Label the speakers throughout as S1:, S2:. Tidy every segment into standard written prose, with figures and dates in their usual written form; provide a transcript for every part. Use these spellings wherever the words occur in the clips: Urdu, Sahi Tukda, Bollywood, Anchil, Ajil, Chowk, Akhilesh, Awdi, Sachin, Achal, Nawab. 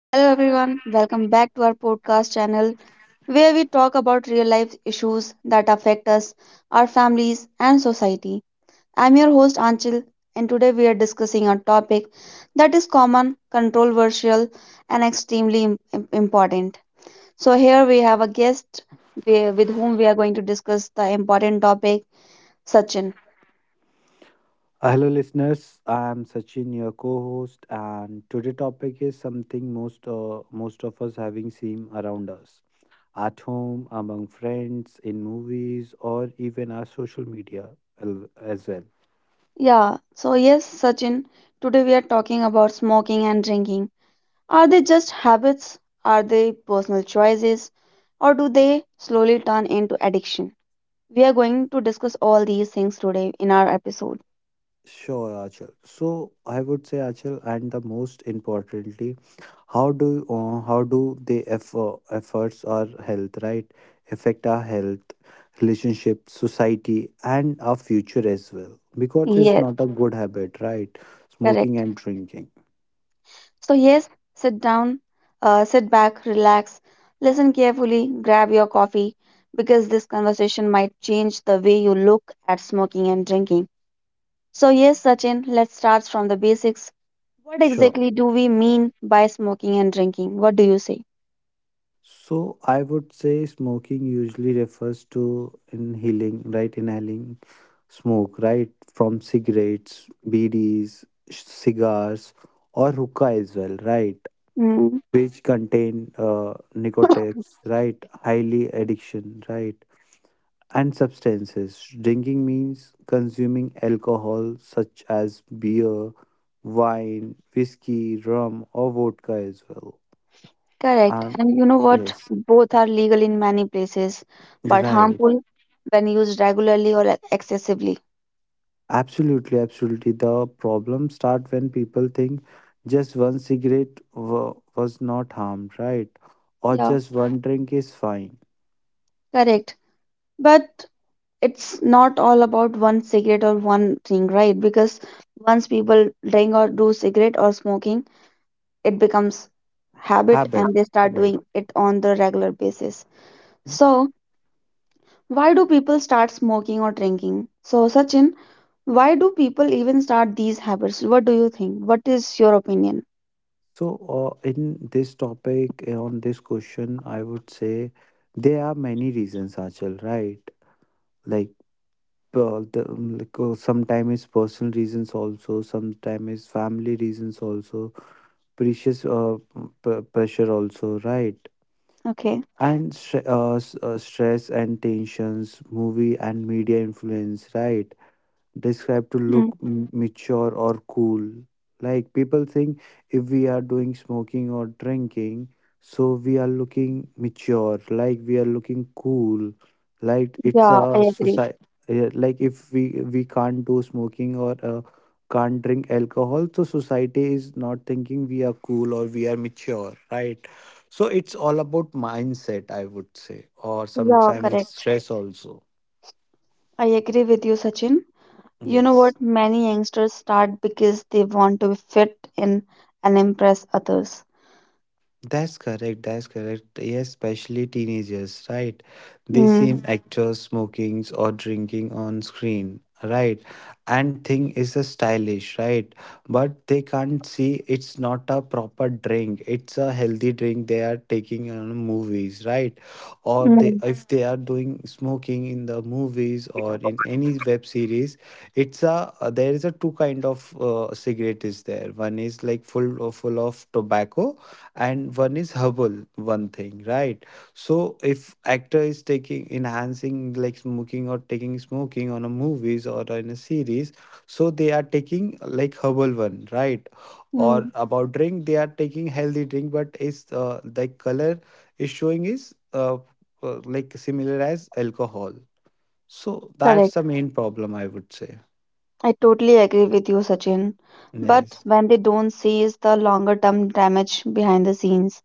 S1: Hello, everyone. Welcome back to our podcast channel where we talk about real life issues that affect us, our families, and society. I'm your host, Anchil, and today we are discussing a topic that is common, controversial, and extremely important. So, here we have a guest with whom we are going to discuss the important topic, Sachin.
S2: Hello, listeners. I'm Sachin, your co-host, and today topic is something most of us having seen around us, at home, among friends, in movies, or even our social media as well.
S1: Yeah, so yes, Sachin, today we are talking about smoking and drinking. Are they just habits? Are they personal choices? Or do they slowly turn into addiction? We are going to discuss all these things today in our episode.
S2: Sure, Achal. So I would say, Achal, and the most importantly, how do the efforts our health right affect our health, relationship, society, and our future as well? Because it's
S1: Yes,
S2: not a good habit, right? Smoking
S1: correct.
S2: and drinking.
S1: So, yes, sit down, sit back, relax, listen carefully, grab your coffee because this conversation might change the way you look at smoking and drinking. So, yes, Sachin, let's start from the basics. What
S2: Sure.
S1: exactly do we mean by smoking and drinking? What do you say?
S2: So I would say smoking usually refers to inhaling, right? Inhaling smoke, right? From cigarettes, BDs, cigars, or hookah as well, right?
S1: Mm.
S2: Which contain nicotines, right? Highly addiction, right? And substances. Drinking means consuming alcohol such as beer, wine, whiskey, rum, or vodka as well.
S1: Correct.
S2: And
S1: And you know what?
S2: yes,
S1: Both are legal in many places, but
S2: right.
S1: harmful when used regularly or excessively.
S2: Absolutely, absolutely. The problem start when people think just one cigarette was not harmed, right? Or
S1: Yeah,
S2: just one drink is fine.
S1: correct. But it's not all about one cigarette or one thing, right? Because once people drink or do cigarette or smoking, it becomes habit
S2: Habit,
S1: and they start
S2: right?
S1: doing it on the regular basis. So, why do people start smoking or drinking? So, Sachin, why do people even start these habits? What do you think? What is your opinion?
S2: So, in this topic, on this question, I would say there are many reasons, Achal, right? Like, sometimes it's personal reasons also, sometimes it's family reasons also, precious uh, pressure also, right?
S1: Okay.
S2: And stress and tensions movie and media influence, right, described to
S1: Mm.
S2: look mature or cool. Like people think if we are doing smoking or drinking, so we are looking mature, like we are looking cool, like it's
S1: Yeah, I
S2: a
S1: agree.
S2: society. Like if we can't do smoking or can't drink alcohol, so society is not thinking we are cool or we are mature, right? So it's all about mindset, I would say, or
S1: Yeah,
S2: sometimes it's
S1: correct.
S2: stress also.
S1: I agree with you, Sachin. You know
S2: Yes.
S1: what? Many youngsters start because they want to fit in and impress others.
S2: That's correct. That's correct. Yes, especially teenagers, right? They
S1: Mm.
S2: seem Mm. actors smoking or drinking on screen, right? And think is a stylish, right? But they can't see it's not a proper drink. It's a healthy drink they are taking on movies, right? Or they
S1: Mm.
S2: if they are doing smoking in the movies or in any web series, it's a there is a two kind of cigarette is there. One is like full of tobacco and one is herbal one thing, right. So if actor is taking enhancing like smoking or taking smoking on a movies or in a series, so they are taking like herbal one, right. Or
S1: Mm.
S2: about drink they are taking healthy drink but is the color is showing is like similar as alcohol, so that's
S1: Correct.
S2: the main problem I would say.
S1: I totally agree with you, Sachin. But
S2: Yes,
S1: when they don't seize the longer term damage behind the scenes,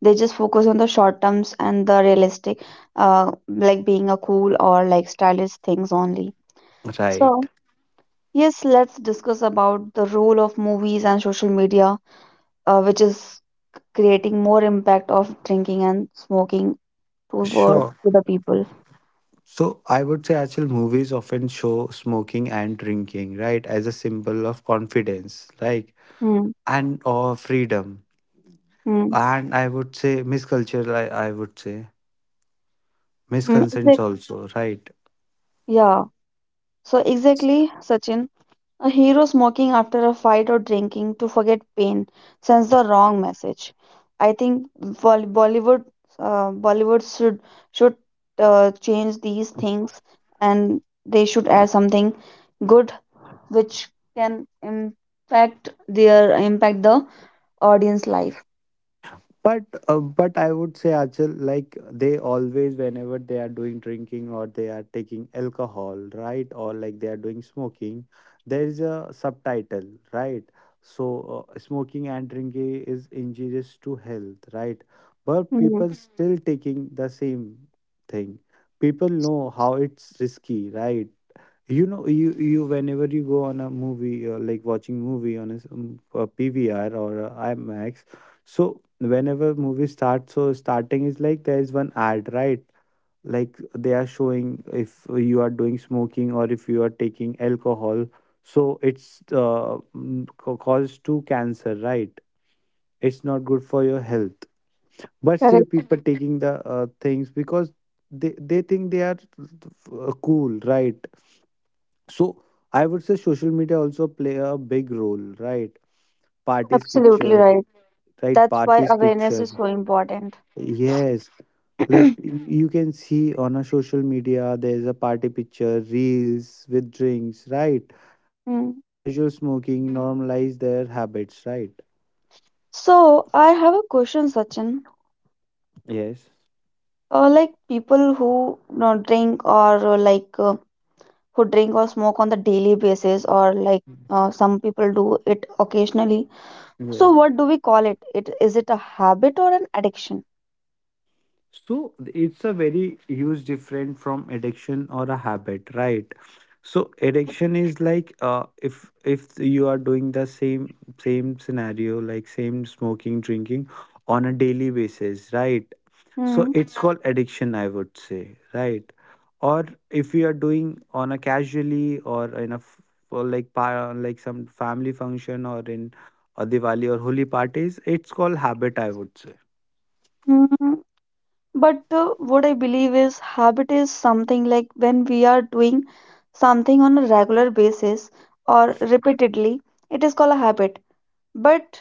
S1: they just focus on the short terms and the realistic, like being a cool or like stylish things only. So,
S2: right.
S1: yes, let's discuss about the role of movies and social media, which is creating more impact of drinking and smoking toward
S2: Sure.
S1: to the people.
S2: So I would say actual movies often show smoking and drinking, right, as a symbol of confidence, like
S1: Hmm.
S2: and or freedom.
S1: Hmm.
S2: And I would say misculture, I would say
S1: Hmm.
S2: misconceptions also, right?
S1: Yeah. So exactly, Sachin. A hero smoking after a fight or drinking to forget pain sends the wrong message. I think Bol- Bollywood, Bollywood should, should change these things, and they should add something good which can impact the audience life.
S2: But but I would say, Achal, like they always whenever they are doing drinking or they are taking alcohol, right? Or like they are doing smoking, there is a subtitle, right? So smoking and drinking is injurious to health, right? But
S1: Hmm,
S2: people Mhm. still taking the same thing. People know how it's risky, right? You know, you whenever you go on a movie, like watching movie on a, a PVR or a IMAX, so whenever movie starts, so starting is like there is one ad, right? Like they are showing if you are doing smoking or if you are taking alcohol, so it's cause to cancer, right? It's not good for your health, but still
S1: correct.
S2: people Mhm. taking the things because they think they are cool, right? So I would say social media also play a big role, right? Parties
S1: Absolutely
S2: picture,
S1: right.
S2: right?
S1: That's why
S2: Parties
S1: awareness
S2: picture.
S1: is so important.
S2: Yes. Like you can see on a social media, there's a party picture, reels with drinks, right? And
S1: Hmm.
S2: casual smoking normalize their habits, right?
S1: So I have a question, Sachin.
S2: Yes.
S1: Like people who not drink, or, who drink or smoke on the daily basis, or some people do it occasionally. So
S2: Yes.
S1: what do we call it? Is it a habit or an addiction?
S2: So it's a very huge different from addiction or a habit, right? So addiction is like if you are doing the same scenario like same smoking drinking on a daily basis, right? So
S1: Hmm.
S2: it's Mhm. called addiction, I would say, right? Or if you are doing on a casually or in a for like like some family function or in a Diwali or Holi parties, it's called habit, I would say.
S1: Hmm. But what I believe is, habit is something like when we are doing something on a regular basis or repeatedly, it is called a habit. But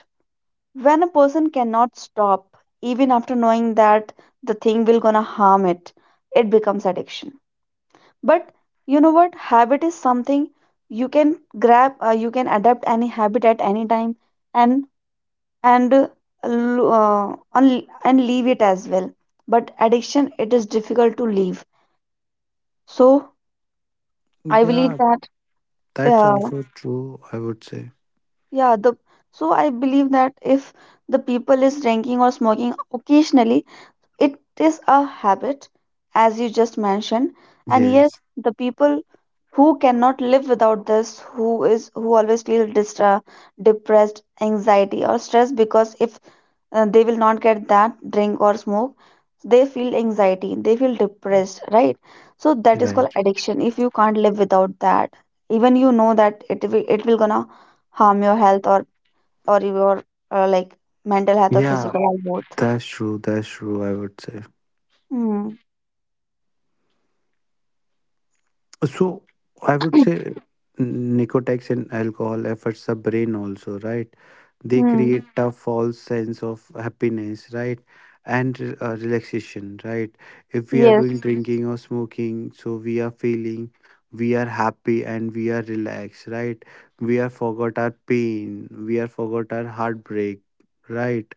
S1: when a person cannot stop even after knowing that the thing will gonna harm it, it becomes addiction. But you know what, habit is something you can grab, you can adapt any habit at any time and and uh, and leave it as well. But addiction, it is difficult to leave. So I believe
S2: Yeah,
S1: that,
S2: that's
S1: uh,
S2: also true, I would say.
S1: yeah, the so I believe that if the people is drinking or smoking occasionally, it is a habit, as you just mentioned, and yes,
S2: Yes,
S1: the people who cannot live without this, who always feel distra, depressed, anxiety, or stress, because if they will not get that drink or smoke, they feel anxiety, they feel depressed, right? So that is called
S2: right.
S1: addiction. If you can't live without that, even you know that it will gonna harm your health, or your like mental health or
S2: Yeah,
S1: physical health, both.
S2: that's true. That's true, I would say.
S1: Mm.
S2: So, I would say nicotine and alcohol affects the brain also, right? They
S1: Mm.
S2: create a false sense of happiness, right? And relaxation, right? If we are doing Mhm.
S1: Yes,
S2: drinking or smoking, so we are feeling we are happy and we are relaxed, right? We are forgot our pain, we are forgot our heartbreak, right?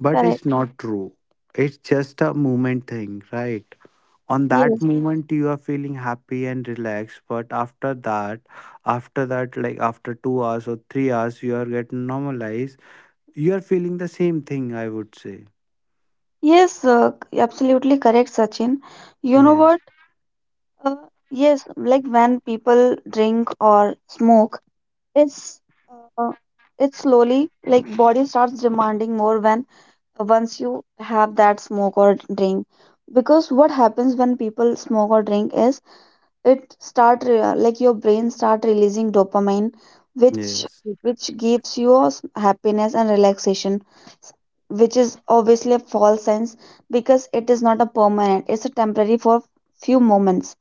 S2: But
S1: correct.
S2: it's not true. It's just a moment thing, right? On that
S1: Yes,
S2: moment, you are feeling happy and relaxed. But after that, like after 2 hours or 3 hours, you are getting normalized. You are feeling the same thing, I would say.
S1: yes, absolutely correct, Sachin. You know
S2: Yes.
S1: what? Uh, yes, like when people drink or smoke, it's uh, it's slowly like body starts demanding more when, once you have that smoke or drink. Because what happens when people smoke or drink is, it start like your brain start releasing dopamine, which
S2: Yes.
S1: which gives you a happiness and relaxation, s- which is obviously a false sense because it is not a permanent, it's a temporary for few moments.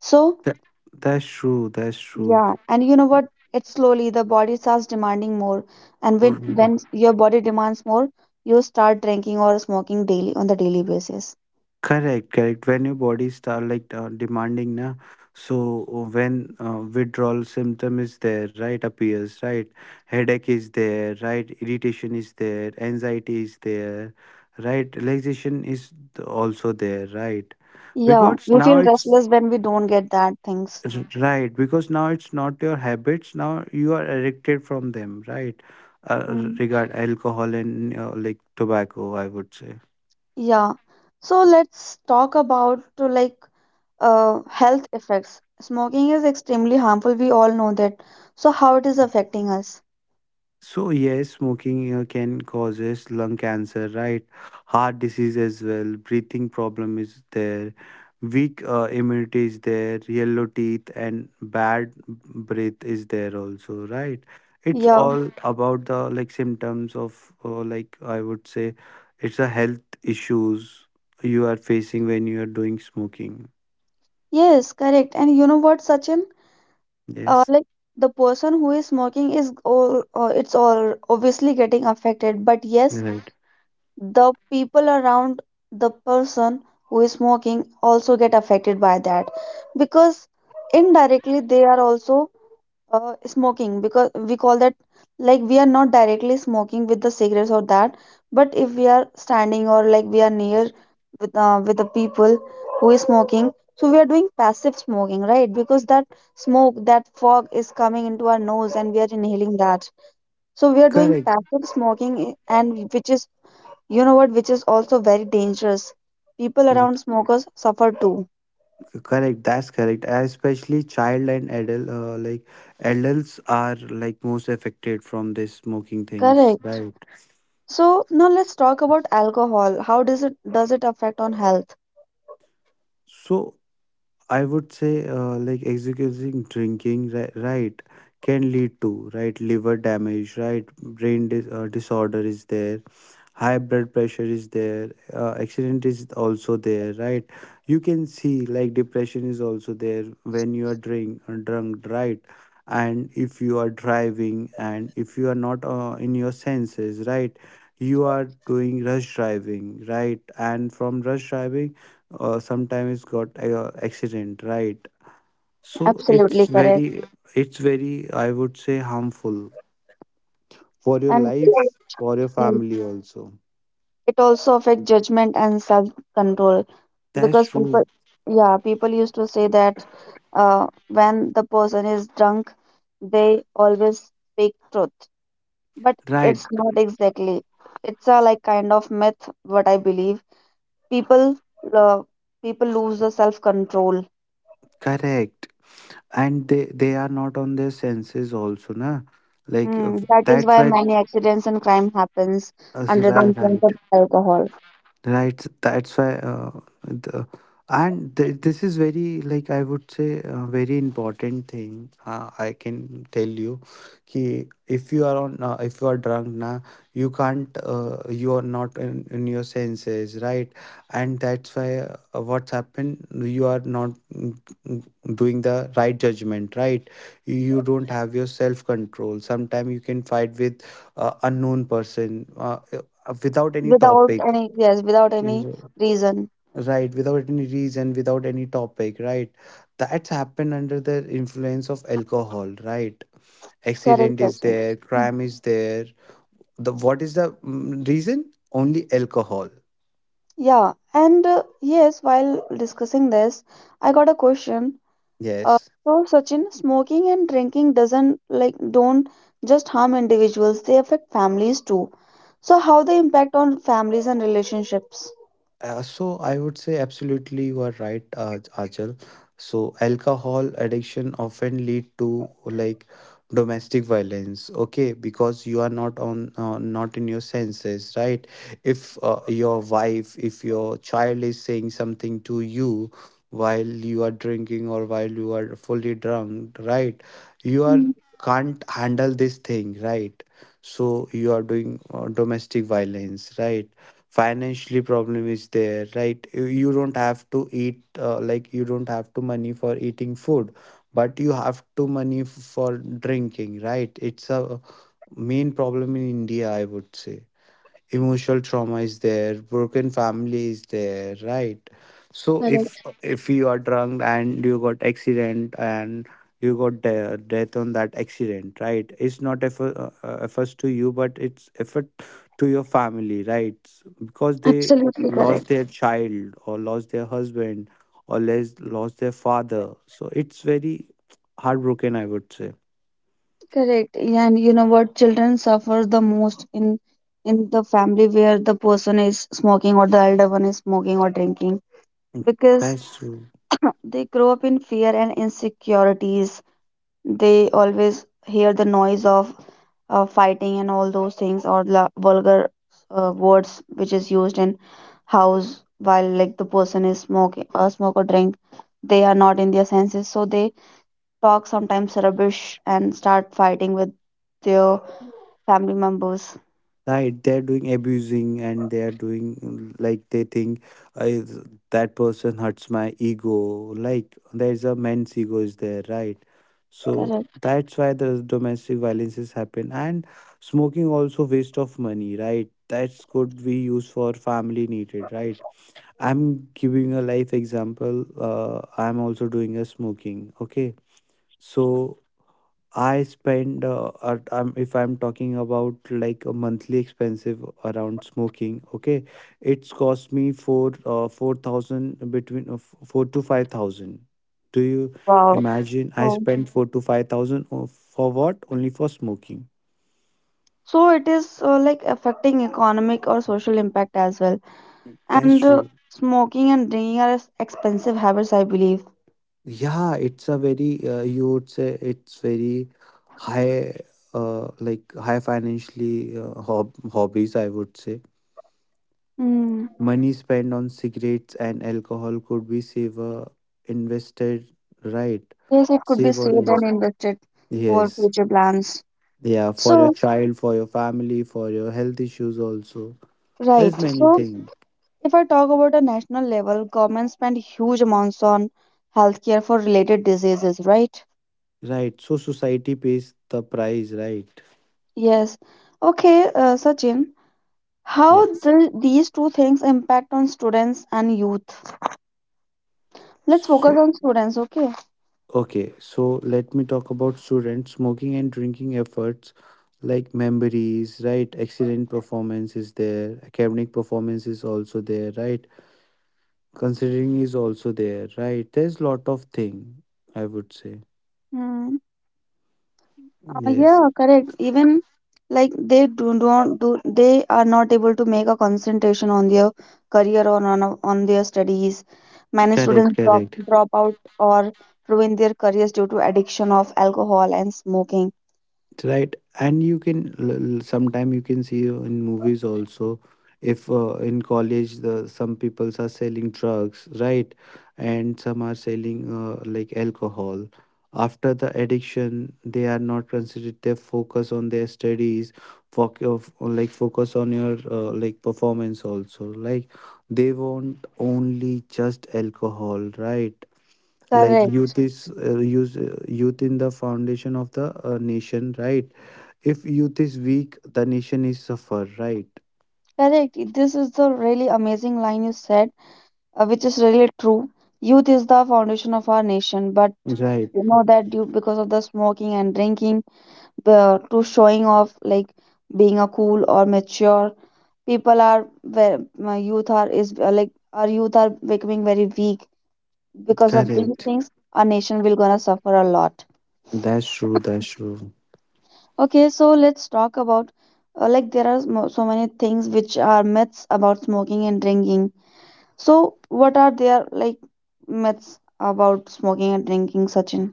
S1: So
S2: That, that's true. That's true.
S1: yeah, and you know what, it slowly the body starts demanding more, and when, your body demands more, you start drinking or smoking daily on the daily basis.
S2: Correct, correct. When your body start like demanding na, so when withdrawal symptom is there, right, appears, right, headache is there, right, irritation is there, anxiety is there, right, relaxation is also there, right,
S1: Yeah,
S2: because
S1: we
S2: now
S1: feel restless when we don't get that things.
S2: right because now it's not your habits. Now you are addicted from them, right,
S1: Mm.
S2: regard alcohol and like tobacco, I would say.
S1: Yeah. So let's talk about, to like health effects. Smoking is extremely harmful. We all know that. So how it is affecting us?
S2: So yes, smoking can causes lung cancer, right? Heart disease as well. Breathing problem is there. Weak immunity is there. Yellow teeth and bad breath is there also, right? It's
S1: Yeah.
S2: all about the like symptoms of like I would say, it's a health issues you are facing when you are doing smoking.
S1: Yes, correct. And you know what, Sachin?
S2: Yes,
S1: Like the person who is smoking is all. It's all obviously getting affected. But yes,
S2: right.
S1: the people around the person who is smoking also get affected by that, because indirectly they are also smoking. Because we call that, like, we are not directly smoking with the cigarettes or that, but if we are standing or like we are near with the people who is smoking, so we are doing passive smoking, right? Because that smoke, that fog, is coming into our nose and we are inhaling that, so we are doing
S2: Correct.
S1: passive smoking, and which is, you know what, which is also very dangerous. People around smokers suffer too.
S2: Correct, that's correct. Especially child and adult, like adults are like most affected from this smoking things,
S1: Correct.
S2: right?
S1: So now let's talk about alcohol. How does it, affect on health?
S2: So I would say, like excusing drinking, right, can lead to right liver damage, right, brain disorder is there, high blood pressure is there, accident is also there, right. You can see like depression is also there when you are drink drunk, right. And if you are driving and if you are not in your senses, right, you are doing rush driving, right. And from rush driving, sometimes got accident, right. So it's
S1: Absolutely correct.
S2: very, it's very, I would say, harmful for your
S1: And right.
S2: life, for your
S1: Yeah,
S2: family also.
S1: it also affects judgment and self-control,
S2: That's
S1: because
S2: true.
S1: people, used to say that, when the person is drunk, they always speak truth. But
S2: Right,
S1: it's not exactly. It's a like kind of myth, what I believe. People, uh, people lose the self-control.
S2: correct. And they are not on their senses also, na? Like
S1: Mm, that is
S2: that's
S1: why
S2: why
S1: many accidents and crime happens under the
S2: right.
S1: influence
S2: Right.
S1: of alcohol,
S2: Right, that's why, the, and th this is very, like, I would say, a very important thing. I can tell you, ki if you are on, if you are drunk now, you can't, you are not in your senses, right? And that's why what's happened, you are not doing the right judgment, right? You don't have your self-control. Sometimes you can fight with unknown person without any
S1: without
S2: topic.
S1: any, yes, without any
S2: Reason.
S1: reason.
S2: Right, without any reason, without any topic, right? That's happened under the influence of alcohol, right?
S1: Correct,
S2: Accident is
S1: Sachin.
S2: there,
S1: Mm.
S2: crime is there. The what is the reason? Only alcohol.
S1: Yeah, and yes, while discussing this, I got a question. Uh,
S2: Yes.
S1: so, Sachin, smoking and drinking doesn't like don't just harm individuals; they affect families too. So, how they impact on families and relationships?
S2: So I would say absolutely you are right, Achal. So alcohol addiction often lead to like domestic violence, okay? Because you are not on not in your senses, right? If your wife, if your child is saying something to you while you are drinking or while you are fully drunk, right? You are
S1: Mm,
S2: can't handle this thing, right. So you are doing domestic violence, right. Financially problem is there, right. You don't have to eat, like you don't have to money for eating food, but you have to money for drinking, right. It's a main problem in India, I would say. Emotional trauma is there, broken family is there, right. So
S1: correct.
S2: if you are drunk and you got accident and you got death on that accident, right, it's not effort, efforts to you but it's effort to your family, right, because they
S1: Absolutely correct.
S2: lost their child or lost their husband or lost their father, so it's very heartbroken, I would say.
S1: Correct. Yeah, and you know what? Children suffer the most in, the family where the person is smoking, or the elder one is smoking or drinking, because
S2: That's true.
S1: they grow up in fear and insecurities. They always hear the noise of, fighting and all those things, or the vulgar, words which is used in house while like the person is smoke or drink. They are not in their senses, so they talk sometimes rubbish and start fighting with their family members.
S2: Right, they're doing abusing and they are doing like they think I, that person hurts my ego. Like there's a men's ego is there, right? So
S1: Correct.
S2: that's why the domestic violences happen. And smoking also waste of money, right? That's could be used for family needed, right? I'm giving a life example. I'm also doing a smoking. Okay, so I spend if I'm talking about like a monthly expensive around smoking. Okay, it's cost me for 4,000 between 4 to 5,000. Do you
S1: Wow.
S2: imagine I
S1: So,
S2: spend 4 to 5,000 for what? Only for smoking.
S1: it is, like affecting economic or social impact as well.
S2: That's
S1: And
S2: true.
S1: smoking and drinking are expensive habits, I believe.
S2: Yeah, it's a very you would say it's very high, like high financially hobbies, I would say.
S1: Hmm.
S2: Money spent on cigarettes and alcohol could be saved or invested, right?
S1: Yes, it could be
S2: Save or
S1: saved and
S2: invest.
S1: invested for
S2: Yes.
S1: future plans.
S2: Yeah, for your
S1: So,
S2: child, for your family, for your health issues also.
S1: right.
S2: There's many
S1: So,
S2: things.
S1: if I talk about a national level, government spend huge amounts on healthcare for related diseases, right?
S2: Right. So society pays the price, right?
S1: Yes. Okay, Sachin, how
S2: Yes.
S1: these two things impact on students and youth? Let's focus
S2: So
S1: on students, okay?
S2: okay, so let me talk about students smoking and drinking efforts like memories, right? Accident performance is there, academic performance is also there, right? Considering is also there, right? There's lot of thing, I would say.
S1: Hmm.
S2: Yes.
S1: Yeah, correct. Even like they are not able to make a concentration on their career, or on their studies. Many
S2: correct
S1: students drop
S2: correct
S1: drop out or ruin their careers due to addiction of alcohol and smoking.
S2: Right, and you can sometime you can see in movies also, if in college the some peoples are selling drugs, right? And some are selling, like, alcohol. After the addiction they are not considered, they focus on their studies, like focus on your, like, performance also, like they want only just alcohol, right? Like
S1: Correct.
S2: youth is youth in the foundation of the, nation, right? If youth is weak, the nation is suffer, right?
S1: Correct. This is the really amazing line you said, which is really true. Youth is the foundation of our nation, but
S2: Right.
S1: you know that, due because of the smoking and drinking, the to showing off like being a cool or mature, people are ve- my youth are is our youth are becoming very weak. Because of these
S2: correct
S1: things, our nation will gonna suffer a lot.
S2: That's true.
S1: Okay, so let's talk about, like there are, so many things which are myths about smoking and drinking. So what are their like myths about smoking and drinking, Sachin?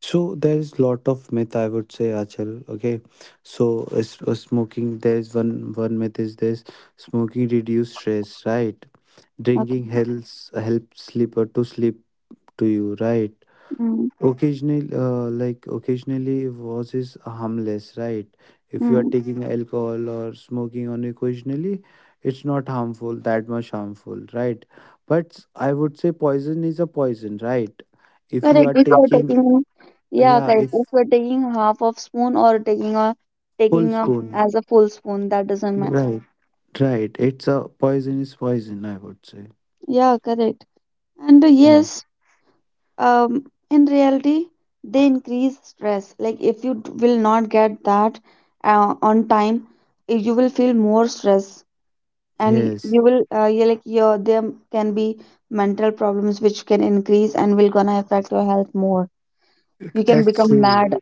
S2: So there is lot of myth, I would say, Achal. Okay, so smoking, there is one myth is this: smoking reduce stress, right? Drinking
S1: Okay.
S2: helps help sleep to you, right?
S1: Mm.
S2: Occasionally, occasionally was is harmless, right? If you are
S1: Mm.
S2: taking alcohol or smoking on occasionally, it's not harmful, that much harmful, right? But I would say poison is a poison, right? If you
S1: Correct.
S2: are
S1: If you are
S2: taking,
S1: taking, yeah,
S2: yeah,
S1: correct.
S2: if
S1: If you are taking half of spoon or taking a
S2: full
S1: taking a
S2: spoon,
S1: as a full spoon, that doesn't matter.
S2: right, right, it's a, poison is poison, I would say.
S1: Yeah, correct. And
S2: Yeah.
S1: yes, in reality, they increase stress. Like if you will not get that, on time, you will feel more stress, and
S2: Yes,
S1: you will, you like your there can be mental problems which can increase and will gonna affect your health more. You can
S2: that's
S1: become
S2: true.
S1: mad.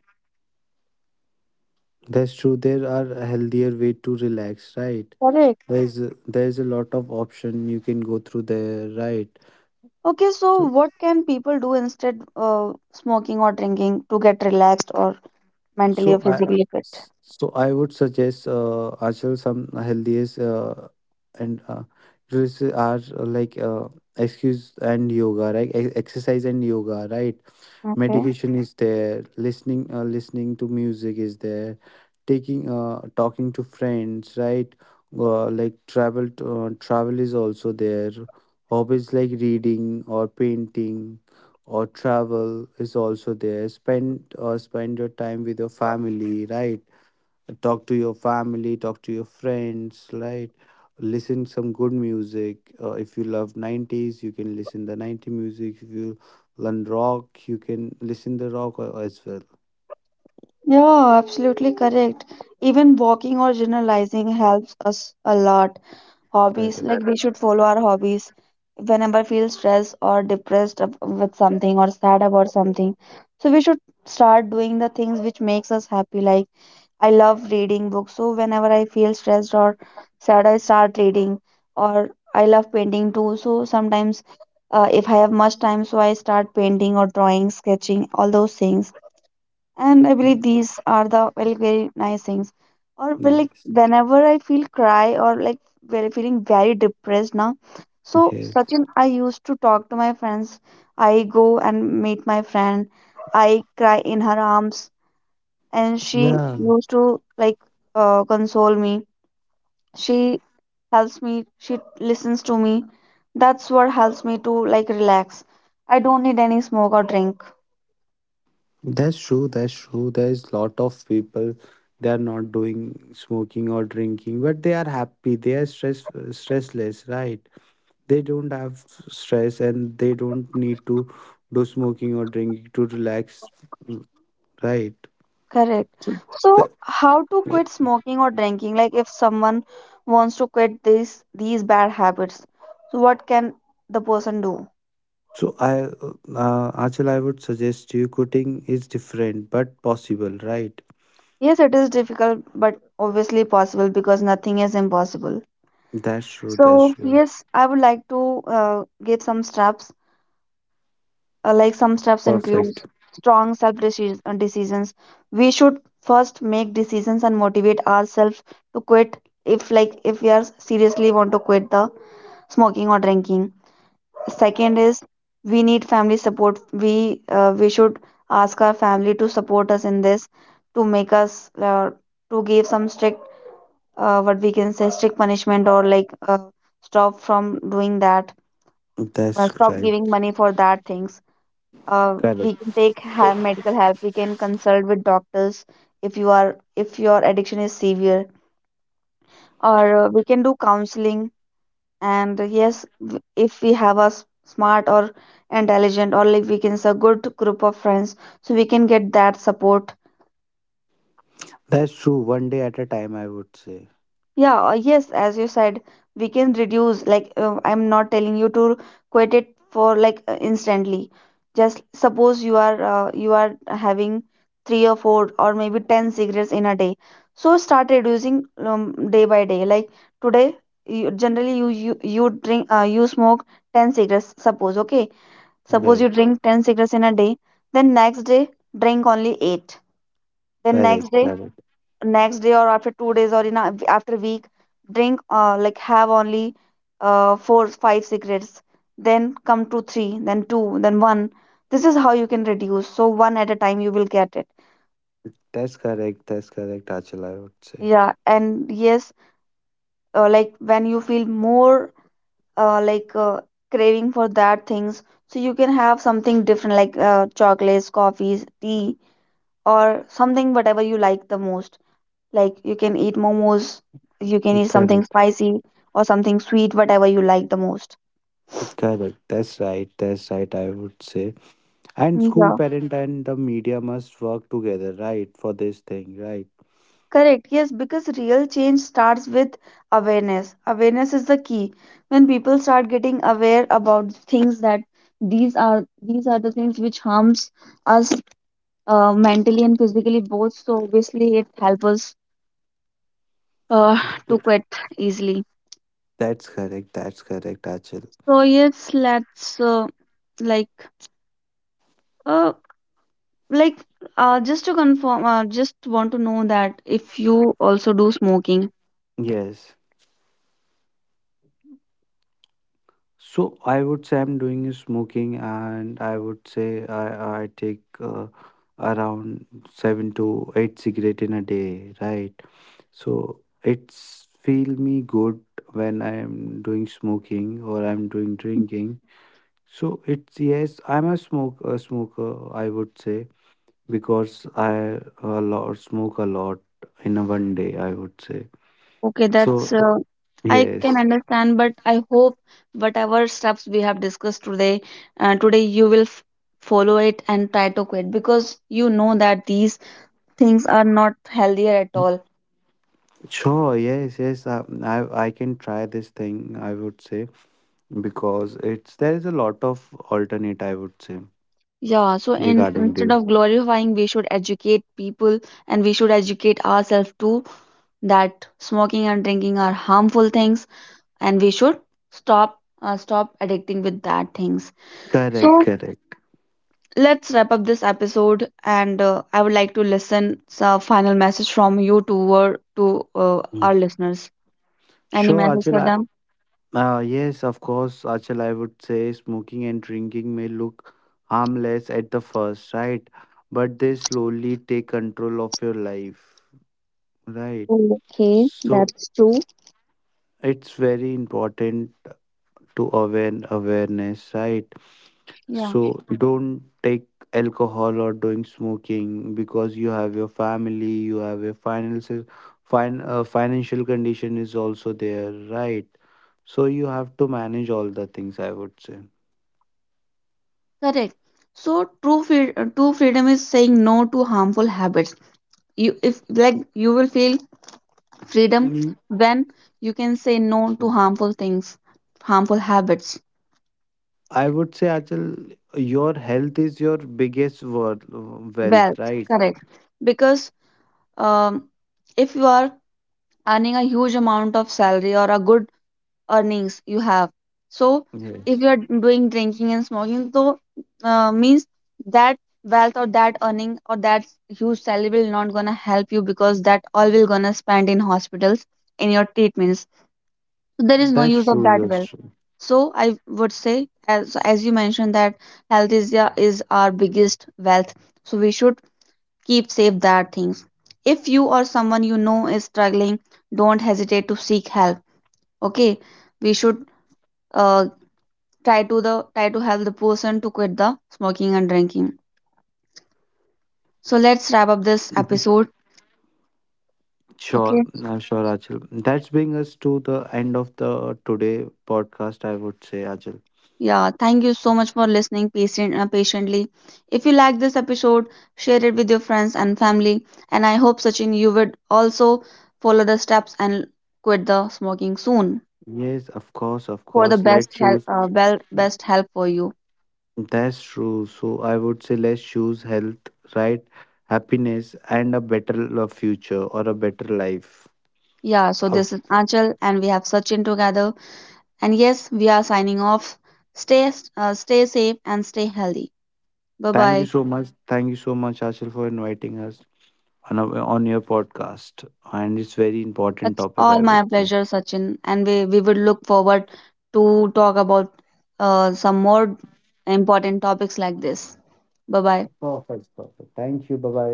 S2: That's true. There are a healthier way to relax, right?
S1: Correct.
S2: There's a lot of option you can go through there, right?
S1: Okay, so
S2: so
S1: what can people do instead of smoking or drinking to get relaxed or mentally or
S2: so i
S1: physically fit?
S2: so I would suggest, Achal, some healthiest, and drills are, excuse and yoga, right? Exercise and yoga, right?
S1: Okay.
S2: Medication is there, listening to music is there, taking talking to friends, right? Like travel is also there, hobbies like reading or painting or travel is also there, spend your time with your family, right? Talk to your family, talk to your friends, right? Listen some good music. If you love 90s, you can listen the 90 music. If you learn rock, you can listen the rock as well.
S1: Yeah, absolutely correct. Even walking or journalizing helps us a lot. Hobbies, like
S2: Correct.
S1: we should follow our hobbies whenever I feel stressed or depressed with something or sad about something. So we should start doing the things which makes us happy. Like I love reading books, so whenever I feel stressed or sad, I start reading. Or I love painting too, so sometimes if I have much time, so I start painting or drawing, sketching, all those things, and I believe these are the very very nice things. Or well, like
S2: Yes,
S1: whenever I feel cry or like very feeling very depressed now, so
S2: yes.
S1: Sachin, I used to talk to my friends. I go and meet my friend, I cry in her arms, and she
S2: Yeah,
S1: used to like console me. She helps me, she listens to me. That's what helps me to like relax. I don't need any smoke or drink.
S2: that's true. That's true. There's lot of people, they are not doing smoking or drinking but they are happy, they are stress, stressless, right? They don't have stress and they don't need to do smoking or drinking to relax, right?
S1: Correct. So,
S2: The-
S1: how to quit smoking or drinking? Like, if someone wants to quit these bad habits, so what can the person do?
S2: so I Achal, I would suggest you, quitting is different but possible, right?
S1: Yes, it is difficult, but obviously possible because nothing is impossible.
S2: That's true. That's
S1: So,
S2: true.
S1: yes, I would like to uh, give some steps. Like some steps include
S2: Perfect.
S1: strong self decisions. We should first make decisions and motivate ourselves to quit. If we are seriously want to quit the smoking or drinking. Second is, we need family support. We should ask our family to support us in this, to make us to give some strict what we can say strict punishment, or like stop from doing that,
S2: That's
S1: stop
S2: right.
S1: giving money for that things.
S2: Correct.
S1: We can take medical help, we can consult with doctors if you are if your addiction is severe, or we can do counseling. And yes, if we have a smart or intelligent, or like we can say a good group of friends, so we can get that support.
S2: That's true. One day at a time, I would say.
S1: Yeah. Yes, as you said, we can reduce like I'm not telling you to quit it for like instantly. Just suppose you are having three or four or maybe 10 cigarettes in a day, so start reducing day by day. Like today you, generally you drink you smoke 10 cigarettes suppose, okay. Suppose you
S2: Right.
S1: drink 10 cigarettes in a day, then next day drink only 8. Then
S2: Correct, correct.
S1: next day or after 2 days or in a, after a week, drink like have only 4 5 cigarettes. Then come to 3, then 2, then 1. This is how you can reduce. So one at a time you will get it.
S2: That's correct. That's correct, Achal, I would say.
S1: Yeah, and yes, like when you feel more uh, like uh, craving for that things, so you can have something different like chocolates, coffees, tea, or something whatever you like the most. Like you can eat momos, you can eat something
S2: Correct,
S1: spicy, or something sweet, whatever you like the most.
S2: correct. That's right, that's right, I would say. And school
S1: Yeah,
S2: parent and the media must work together, right, for this thing, right?
S1: correct. Yes, because real change starts with awareness. Awareness is the key. When people start getting aware about things that these are the things which harms us mentally and physically both, so obviously it helps us uh,
S2: Is
S1: to
S2: it-
S1: quit easily.
S2: That's correct. That's correct, Achal.
S1: So yes, let's like uh, Like, just to confirm, just want to know that if you also do smoking.
S2: Yes. So I would say I'm doing is smoking, and I would say I take, around 7 to 8 cigarette in a day, right? So it's feel me good when I am doing smoking or I'm doing drinking. So it's, yes, I'm a smoker, I would say, because I a lot, smoke a lot, in a one day, I would say.
S1: Okay,
S2: So
S1: that's
S2: okay.
S1: I can
S2: Yes,
S1: understand, but I hope whatever steps we have discussed today, today you will f follow it and try to quit because you know that these things are not healthier at all.
S2: sure, yes, yes. I I can try this thing, I would say, because it's, there is a lot of alternate, I would say
S1: Yeah, so
S2: regarding.
S1: in
S2: Yeah.
S1: instead of glorifying, we should educate people, and we should educate ourselves too, that smoking and drinking are harmful things and we should stop stop addicting with that things.
S2: The, correct,
S1: So
S2: correct.
S1: let's wrap up this episode, and I would like to listen some final message from you to
S2: Mm.
S1: our listeners. Any
S2: Sure,
S1: message
S2: Achal.
S1: for them?
S2: Yes, of course, Achal. I would say smoking and drinking may look harmless at the first, right? But they slowly take control of your life, right?
S1: Okay,
S2: So
S1: that's true.
S2: it's very important to awaken awareness, right?
S1: Yeah,
S2: So yeah, don't take alcohol or doing smoking, because you have your family, you have your finances, financial condition is also there, right? So you have to manage all the things, I would say.
S1: correct. So true freedom is saying no to harmful habits. You, if like you will feel freedom
S2: Mm.
S1: when you can say no to harmful things, harmful habits.
S2: I would say Achal, your health is your biggest wealth,
S1: Wealth,
S2: right?
S1: correct. Because um, if you are earning a huge amount of salary or a good earnings you have, so if
S2: Yes.
S1: you are doing drinking and smoking, so means that wealth or that earning or that huge salary will not gonna help you, because that all will gonna spend in hospitals, in your treatments. So there is no
S2: That's
S1: use of
S2: true,
S1: that
S2: that's
S1: wealth.
S2: true.
S1: So I would say as so, as you mentioned that health is, yeah, is our biggest wealth. So we should keep safe that things. If you or someone you know is struggling, don't hesitate to seek help. Okay, we should uh, try to help the person to quit the smoking and drinking. So let's wrap up this episode. Okay,
S2: Sure, I'm sure, Ajil. That's bring us to the end of the today podcast, I would say, Ajil.
S1: yeah, thank you so much for listening patiently. If you like this episode, share it with your friends and family. And I hope Sachin, you would also follow the steps and quit the smoking soon,
S2: Yes, of course, of
S1: for the
S2: course. Let's
S1: best help.
S2: choose.
S1: Best help for you.
S2: That's true. So I would say let's choose health, right? Happiness and a better future or a better life.
S1: Yeah, so
S2: Uh,
S1: this is Anchal and we have Sachin together. And yes, we are signing off. Stay stay safe and stay healthy. Bye
S2: Thank you
S1: bye.
S2: so much. Thank you so much, Achal, for inviting us on our, on your podcast. And it's very important
S1: That's
S2: topic,
S1: all
S2: I would
S1: my
S2: say.
S1: pleasure, Sachin. And we would look forward to talk about some more important topics like this. Bye bye.
S2: Perfect, perfect. Thank you. Bye bye.